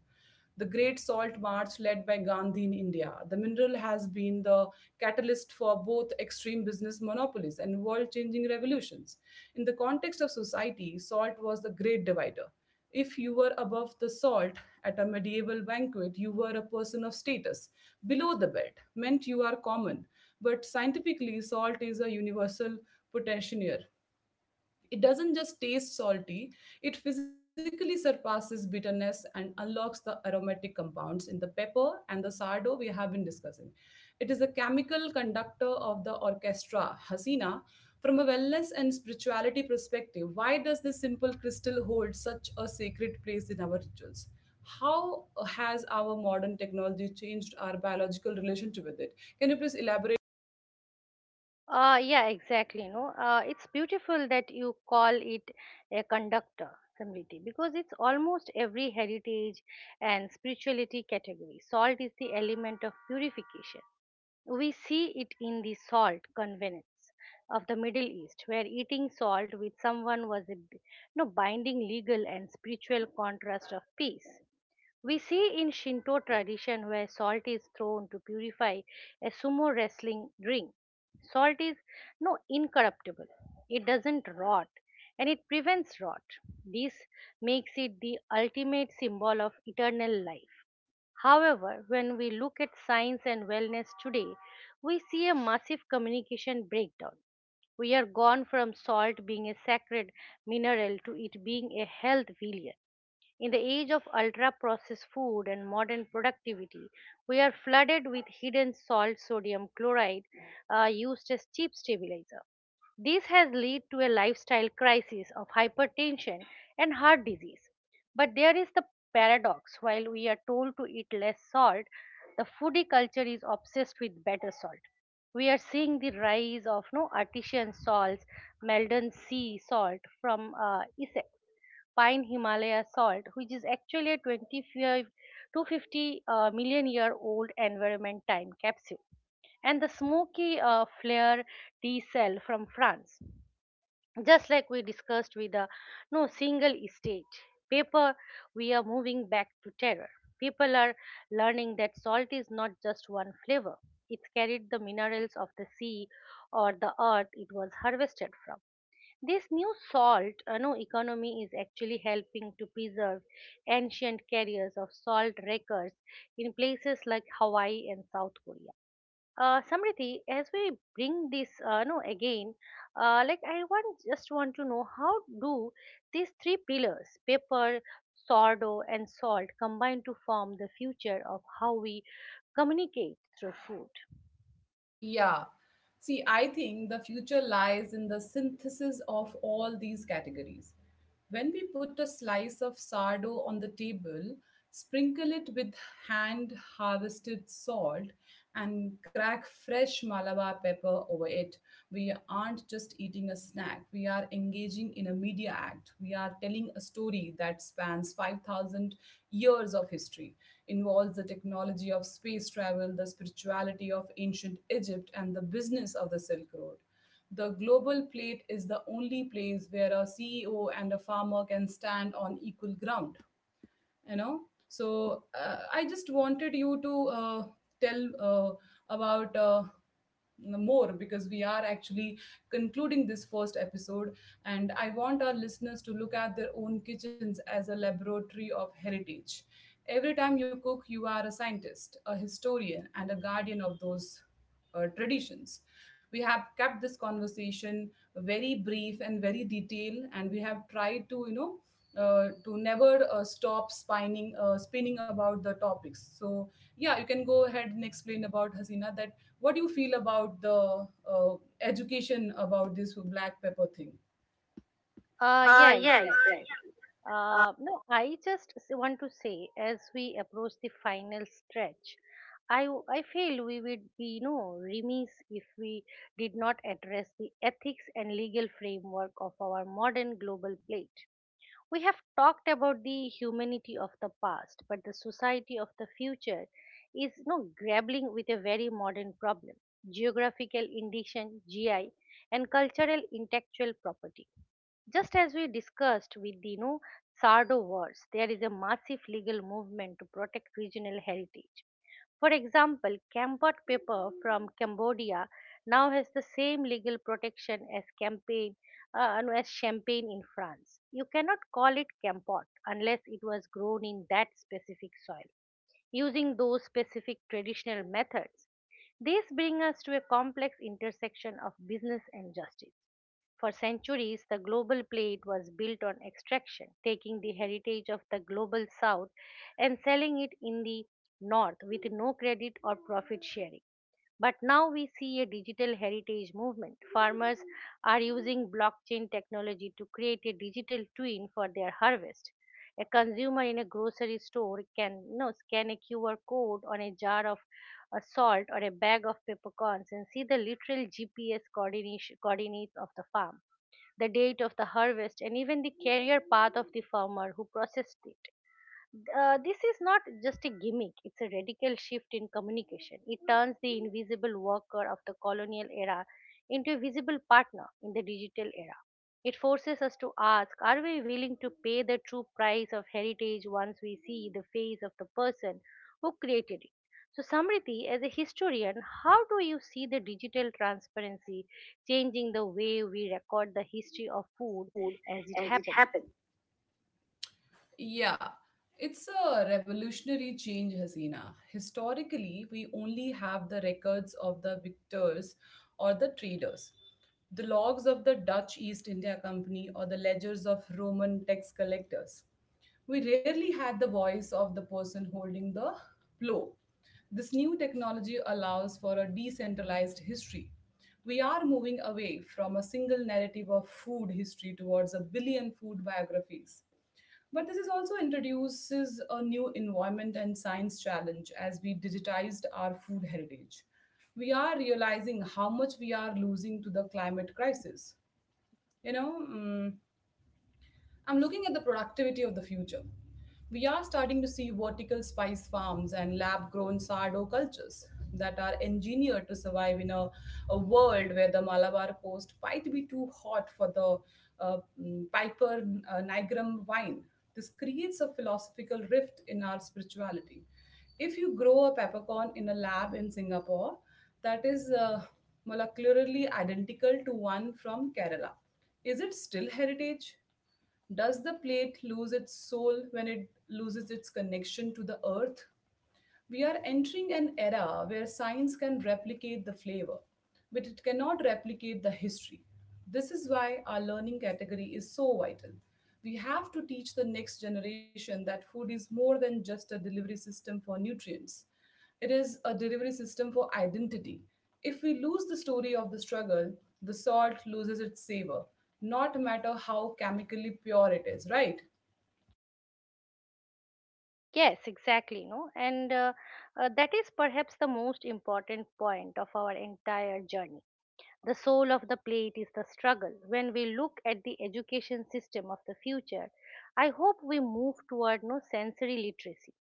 [SPEAKER 1] the Great Salt March led by Gandhi in India. The mineral has been the catalyst for both extreme business monopolies and world changing revolutions. In the context of society, salt was the great divider. If you were above the salt at a medieval banquet, you were a person of status. Below the belt meant you are common. But scientifically, salt is a universal potentiomer. It doesn't just taste salty, it physically surpasses bitterness and unlocks the aromatic compounds in the pepper and the sardo we have been discussing. It is the chemical conductor of the orchestra, Hasina. From a wellness and spirituality perspective, why does this simple crystal hold such a sacred place in our rituals? How has our modern technology changed our biological relationship with it? Can you please elaborate?
[SPEAKER 2] Yeah, exactly. No, it's beautiful that you call it a conductor community because it's almost every heritage and spirituality category. Salt is the element of purification. We see it in the salt convenance of the Middle East, where eating salt with someone was a b- no binding legal and spiritual contrast of peace. We see in Shinto tradition where salt is thrown to purify a sumo wrestling ring. Salt is no incorruptible. It doesn't rot and it prevents rot. This makes it the ultimate symbol of eternal life. However, when we look at science and wellness today, we see a massive communication breakdown. We are gone from salt being a sacred mineral to it being a health villain in the age of ultra processed food and modern productivity, we are flooded with hidden salt sodium chloride used as cheap stabilizer. This has led to a lifestyle crisis of hypertension and heart disease. But there is the paradox while we are told to eat less salt, the foodie culture is obsessed with better salt. We are seeing the rise of no artisan salts, Meldon sea salt from Essex pine Himalaya salt, which is actually a 25 250 million year old environment time capsule, and the smoky flare D cell from France. Just like we discussed with the no single stage paper, we are moving back to terror. People are learning that salt is not just one flavor. It carried the minerals of the sea or the earth it was harvested from. This new salt no, economy is actually helping to preserve ancient carriers of salt wreckers in places like Hawaii and South Korea. Samriti, as we bring this no again, like I want just want to know how do these three pillars, paper, sourdough, and salt, combine to form the future of how we communicate through food?
[SPEAKER 1] Yeah. See, I think the future lies in the synthesis of all these categories. When we put a slice of sourdough on the table, sprinkle it with hand harvested salt, and crack fresh Malabar pepper over it, we aren't just eating a snack. We are engaging in a media act. We are telling a story that spans 5,000 years of history, involves the technology of space travel, the spirituality of ancient Egypt, and the business of the Silk Road. The global plate is the only place where a CEO and a farmer can stand on equal ground, you know, so I just wanted you to uh, tell about more, because we are actually concluding this first episode, and I want our listeners to look at their own kitchens as a laboratory of heritage. Every time you cook, you are a scientist, a historian, and a guardian of those traditions. We have kept this conversation very brief and very detailed, and we have tried to, to never stop spinning about the topics. So yeah, you can go ahead and explain about Hasina, that what do you feel about the education about this black pepper thing?
[SPEAKER 2] Yeah,
[SPEAKER 1] Yeah, exactly.
[SPEAKER 2] exactly. No, I just want to say, as we approach the final stretch, I feel we would be remiss if we did not address the ethics and legal framework of our modern global plate. We have talked about the humanity of the past, but the society of the future is no grappling with a very modern problem: geographical indication (GI) and cultural intellectual property just as we discussed with the, Sardo Wars, there is a massive legal movement to protect regional heritage. For example, Kampot paper from Cambodia now has the same legal protection as champagne in France. You cannot call it Kampot unless it was grown in that specific soil using those specific traditional methods. This brings us to a complex intersection of business and justice. For centuries, the global plate was built on extraction, taking the heritage of the global south and selling it in the north with no credit or profit sharing. But now we see a digital heritage movement. Farmers are using blockchain technology to create a digital twin for their harvest. A consumer in a grocery store can scan a QR code on a jar of salt or a bag of peppercorns and see the literal GPS coordinates of the farm, the date of the harvest, and even the career path of the farmer who processed it. This is not just a gimmick, it's a radical shift in communication. It turns the invisible worker of the colonial era into a visible partner in the digital era. It forces us to ask, are we willing to pay the true price of heritage once we see the face of the person who created it? So, Samriti, as a historian, how do you see the digital transparency changing the way we record the history of food
[SPEAKER 1] Food
[SPEAKER 2] as it
[SPEAKER 1] as it
[SPEAKER 2] happens?
[SPEAKER 1] happens. Yeah, it's a revolutionary change, Hasina. Historically, we only have the records of the victors or the traders, the logs of the Dutch East India Company, or the ledgers of Roman tax collectors. We rarely had the voice of the person holding the plow. This new technology allows for a decentralized history. We are moving away from a single narrative of food history towards a billion food biographies. But this is also introduces a new environment and science challenge, as we digitized our food heritage. We are realizing how much we are losing to the climate crisis. You know, mm, I'm looking at the productivity of the future. We are starting to see vertical spice farms and lab grown sourdough cultures that are engineered to survive in a world where the Malabar coast might be too hot for the Piper Nigrum wine. This creates a philosophical rift in our spirituality. If you grow a peppercorn in a lab in Singapore, that is molecularly identical to one from Kerala, is it still heritage? Does the plate lose its soul when it loses its connection to the earth? We are entering an era where science can replicate the flavor, but it cannot replicate the history. This is why our learning category is so vital. We have to teach the next generation that food is more than just a delivery system for nutrients. It is a delivery system for identity. If we lose the story of the struggle, the salt loses its savor, not matter how chemically pure it is, right?
[SPEAKER 2] Yes, exactly. No, and that is perhaps the most important point of our entire journey. The soul of the plate is the struggle. When we look at the education system of the future, I hope we move toward no sensory literacy.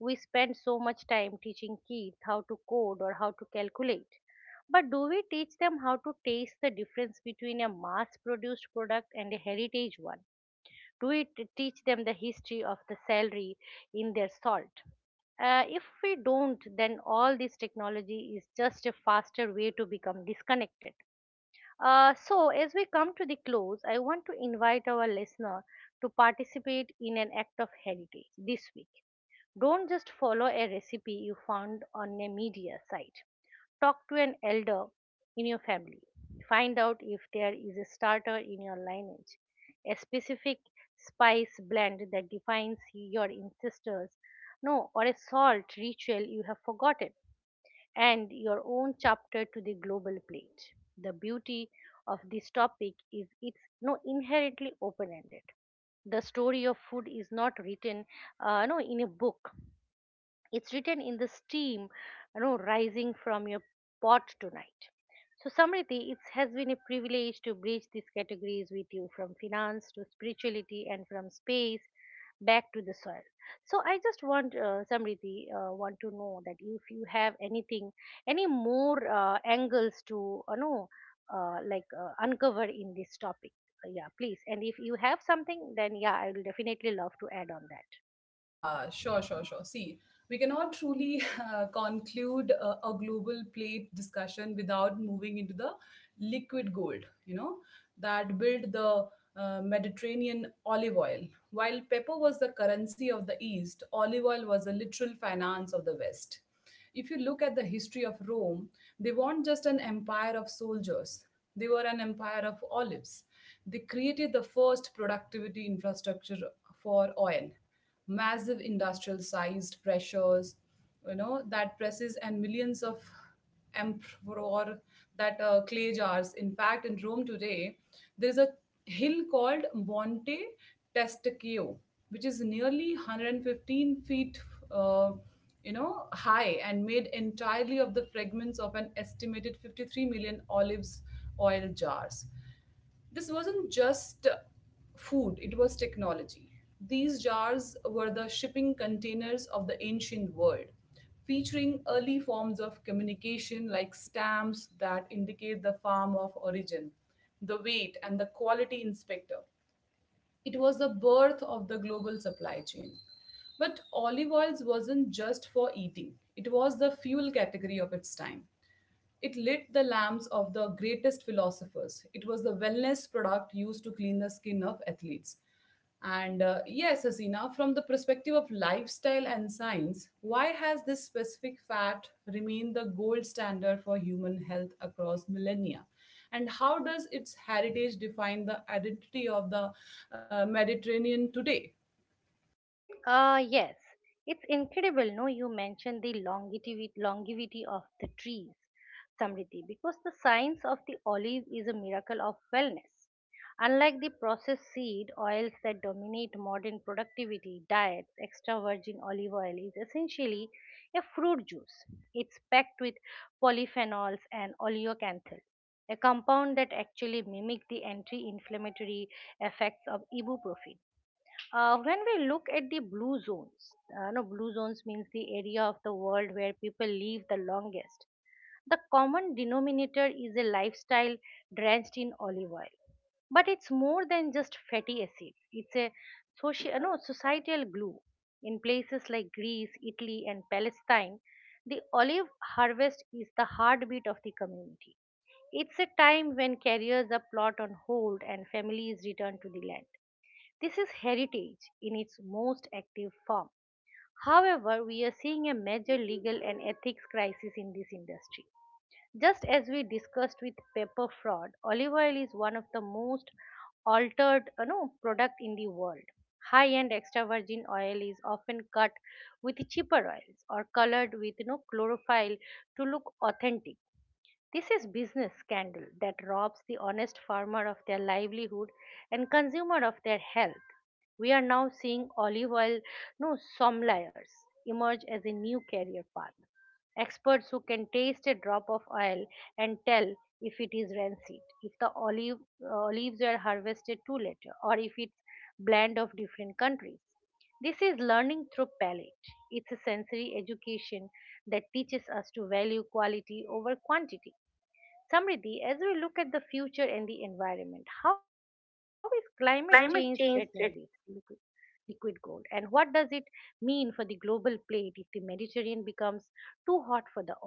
[SPEAKER 2] We spend so much time teaching kids how to code or how to calculate. But do we teach them how to taste the difference between a mass produced product and a heritage one? Do we teach them the history of the celery in their salt? If we don't, then all this technology is just a faster way to become disconnected. So, as we come to the close, I want to invite our listener to participate in an act of heritage this week. Don't just follow a recipe you found on a media site. Talk to an elder in your family. Find out if there is a starter in your lineage, a specific spice blend that defines your ancestors, no, or a salt ritual you have forgotten, and your own chapter to the global plate. The beauty of this topic is it's no inherently open ended. The story of food is not written no in a book. It's written in the steam, you know, rising from your pot tonight. So, Samriti, it has been a privilege to bridge these categories with you, from finance to spirituality and from space back to the soil. So, I just want, Samriti, want to know that if you have anything, any more angles to, you know, like uncover in this topic. Yeah, please. And if you have something, then yeah, I will definitely love to add on that.
[SPEAKER 1] Yeah, sure. See, we cannot truly conclude a global plate discussion without moving into the liquid gold, you know, that built the Mediterranean olive oil. While pepper was the currency of the East, olive oil was the literal finance of the West. If you look at the history of Rome, they weren't just an empire of soldiers, they were an empire of olives. They created the first productivity infrastructure for oil, massive industrial sized pressures, you know, that presses and millions of emperor, that clay jars. In fact, in Rome today, there is a hill called Monte Testaccio, which is nearly 115 feet uh, you know high, and made entirely of the fragments of an estimated 53 million olives oil jars. This wasn't just food, it was technology. These jars were the shipping containers of the ancient world, featuring early forms of communication like stamps that indicate the farm of origin, the weight, and the quality inspector. It was the birth of the global supply chain. But olive oils wasn't just for eating, it was the fuel category of its time. It lit the lamps of the greatest philosophers. It was the wellness product used to clean the skin of athletes. And yes, Hasina, from the perspective of lifestyle and science, why has this specific fat remained the gold standard for human health across millennia? And how does its heritage define the identity of the Mediterranean today?
[SPEAKER 2] Yes, it's incredible. No, you mentioned the longevity, longevity of the trees, Samriti, because the science of the olive is a miracle of wellness. Unlike the processed seed oils that dominate modern productivity diets, extra virgin olive oil is essentially a fruit juice. It's packed with polyphenols and oleocanthal, a compound that actually mimic the anti-inflammatory effects of ibuprofen. When we look at the blue zones, no, blue zones means the area of the world where people live the longest. The common denominator is a lifestyle drenched in olive oil. But it's more than just fatty acids. It's a social, no, societal glue. In places like Greece, Italy, and Palestine, the olive harvest is the heartbeat of the community. It's a time when careers are put on hold and families return to the land. This is heritage in its most active form. However, we are seeing a major legal and ethics crisis in this industry. Just as we discussed with paper fraud, olive oil is one of the most altered no, product in the world. High-end extra virgin oil is often cut with cheaper oils or colored with, you know, chlorophyll to look authentic. This is business scandal that robs the honest farmer of their livelihood and consumer of their health. We are now seeing olive oil no sommeliers emerge as a new career path. Experts who can taste a drop of oil and tell if it is rancid, if the olive olives were harvested too later, or if it's blend of different countries. This is learning through palate. It's a sensory education that teaches us to value quality over quantity. Samriddhi, as we look at the future and the environment, how is climate change threatening this
[SPEAKER 1] Climate change.
[SPEAKER 2] liquid gold? And what does it mean for the global plate if the Mediterranean becomes too hot for the olive?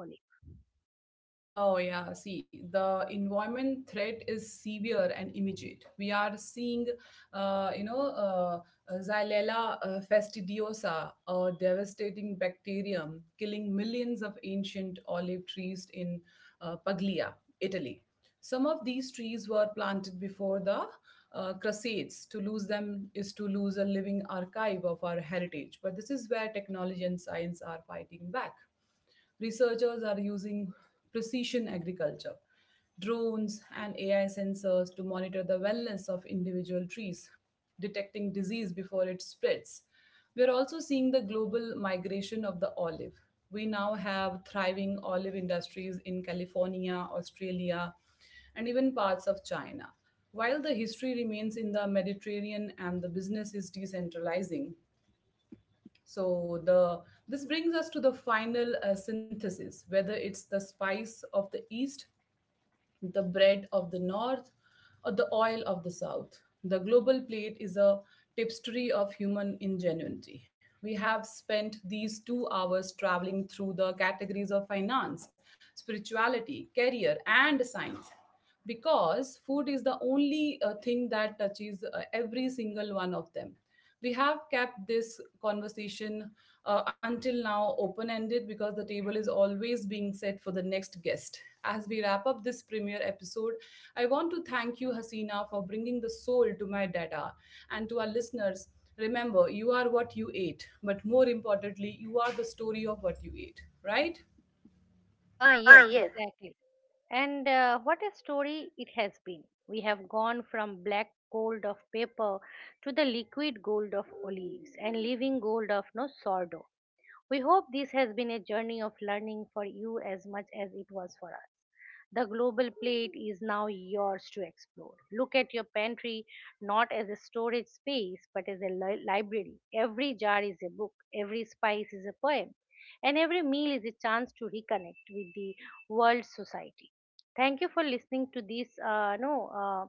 [SPEAKER 1] Oh, yeah. See, the environment threat is severe and immediate. We are seeing, uh, you know, uh, Xylella fastidiosa, a devastating bacterium, killing millions of ancient olive trees in Puglia, Italy. Some of these trees were planted before the Crusades. To lose them is to lose a living archive of our heritage. But this is where technology and science are fighting back. Researchers are using precision agriculture, drones, and AI sensors to monitor the wellness of individual trees, detecting disease before it spreads. We're also seeing the global migration of the olive. We now have thriving olive industries in California, Australia, and even parts of China. While the history remains in the Mediterranean and the business is decentralizing, so the this brings us to the final synthesis, whether it's the spice of the east, the bread of the north, or the oil of the south. The global plate is a tapestry of human ingenuity. We have spent these 2 hours traveling through the categories of finance, spirituality, career, and science, because food is the only thing that touches every single one of them. We have kept this conversation until now open ended, because the table is always being set for the next guest. As we wrap up this premiere episode, I want to thank you Hasina for bringing the soul to my data, and to our listeners, remember, you are what you ate, but more importantly, you are the story of what you ate, right?
[SPEAKER 2] Ah, yes,
[SPEAKER 1] Ah, yes.
[SPEAKER 2] exactly. And what a story it has been. We have gone from black gold of paper to the liquid gold of olives and living gold of no sordo. We hope this has been a journey of learning for you as much as it was for us. The global plate is now yours to explore. Look at your pantry not as a storage space but as a library. Every jar is a book, every spice is a poem, and every meal is a chance to reconnect with the world society. Thank you for listening to this no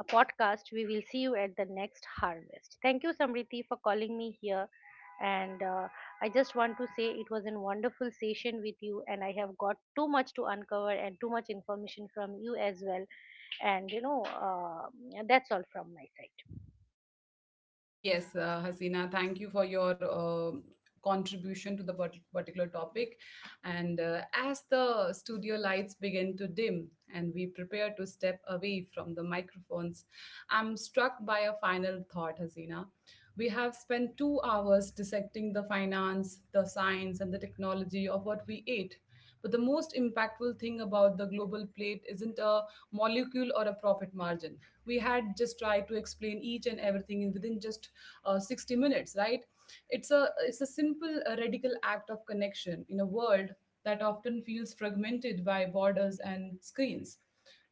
[SPEAKER 2] a podcast. We will see you at the next harvest. Thank you, Samriti, for calling me here and I just want to say it was a wonderful session with you, and I have got too much to uncover and too much information from you as well. And you know, that's all from my side.
[SPEAKER 1] Yes, Hasina, thank you for your contribution to the particular topic. And as the studio lights begin to dim and we prepare to step away from the microphones, I'm struck by a final thought, Hasina. We have spent 2 hours dissecting the finance, the science, and the technology of what we ate. But the most impactful thing about the global plate isn't a molecule or a profit margin. We had just tried to explain each and everything in within just 60 minutes, right? It's a simple radical act of connection in a world that often feels fragmented by borders and screens.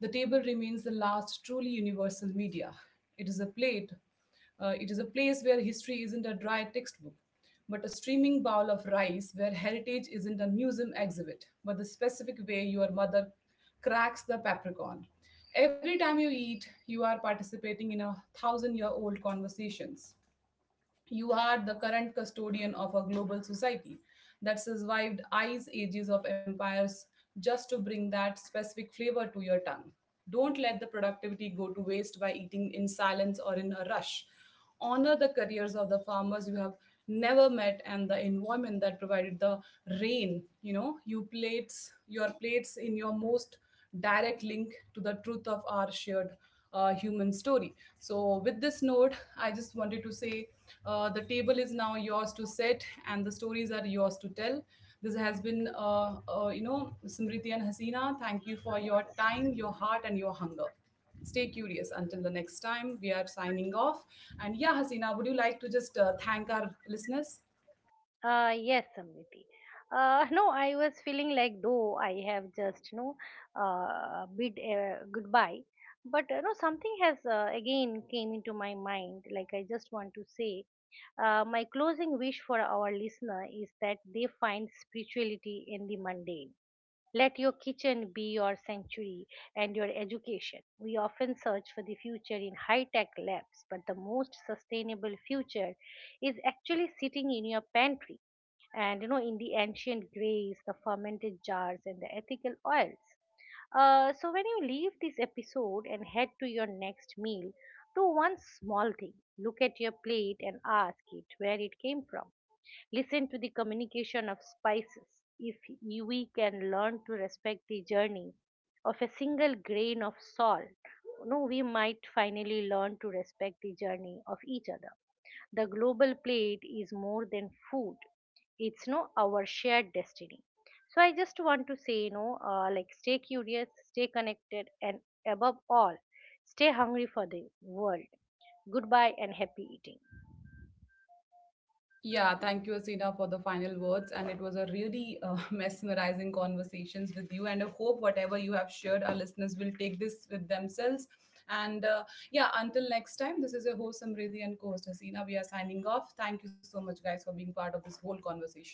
[SPEAKER 1] The table remains the last truly universal media. It is a plate, it is a place where history isn't a dry textbook, but a steaming bowl of rice, where heritage isn't a museum exhibit, but the specific way your mother cracks the paprikon. Every time you eat, you are participating in a thousand year old conversations. You are the current custodian of a global society that survived ice ages of empires just to bring that specific flavor to your tongue. Don't let the productivity go to waste by eating in silence or in a rush. Honor the careers of the farmers you have never met and the environment that provided the rain. You know, your plates in your most direct link to the truth of our shared human story. So, with this note, I just wanted to say, the table is now yours to set, and the stories are yours to tell. This has been, Smriti and Hasina. Thank you for your
[SPEAKER 2] Yes.
[SPEAKER 1] time, your heart, and your hunger. Stay curious. Until the next time, we are signing off. And yeah, Hasina, would you like to just thank our listeners?
[SPEAKER 2] Yes, Samriti. No, I was feeling like though I have just, you know, bid goodbye. But, you know, something has again came into my mind. Like I just want to say, my closing wish for our listener is that they find spirituality in the mundane. Let your kitchen be your sanctuary and your education. We often search for the future in high tech labs, but the most sustainable future is actually sitting in your pantry and, you know, in the ancient grays, the fermented jars, and the ethical oils. So, when you leave this episode and head to your next meal, do one small thing. Look at your plate and ask it where it came from. Listen to the communication of spices. If we can learn to respect the journey of a single grain of salt, no, we might finally learn to respect the journey of each other. The global plate is more than food. It's no our shared destiny. So I just want to say, you know, like stay curious, stay connected, and above all, stay hungry for the world. Goodbye and happy eating.
[SPEAKER 1] Yeah, thank you, Asina, for the final words. And it was a really mesmerizing conversations with you. And I hope whatever you have shared, our listeners will take this with themselves. And yeah, until next time, this is your host, Samriddhi, and co host Hasina. We are signing off. Thank you so much, guys, for being part of this whole conversation.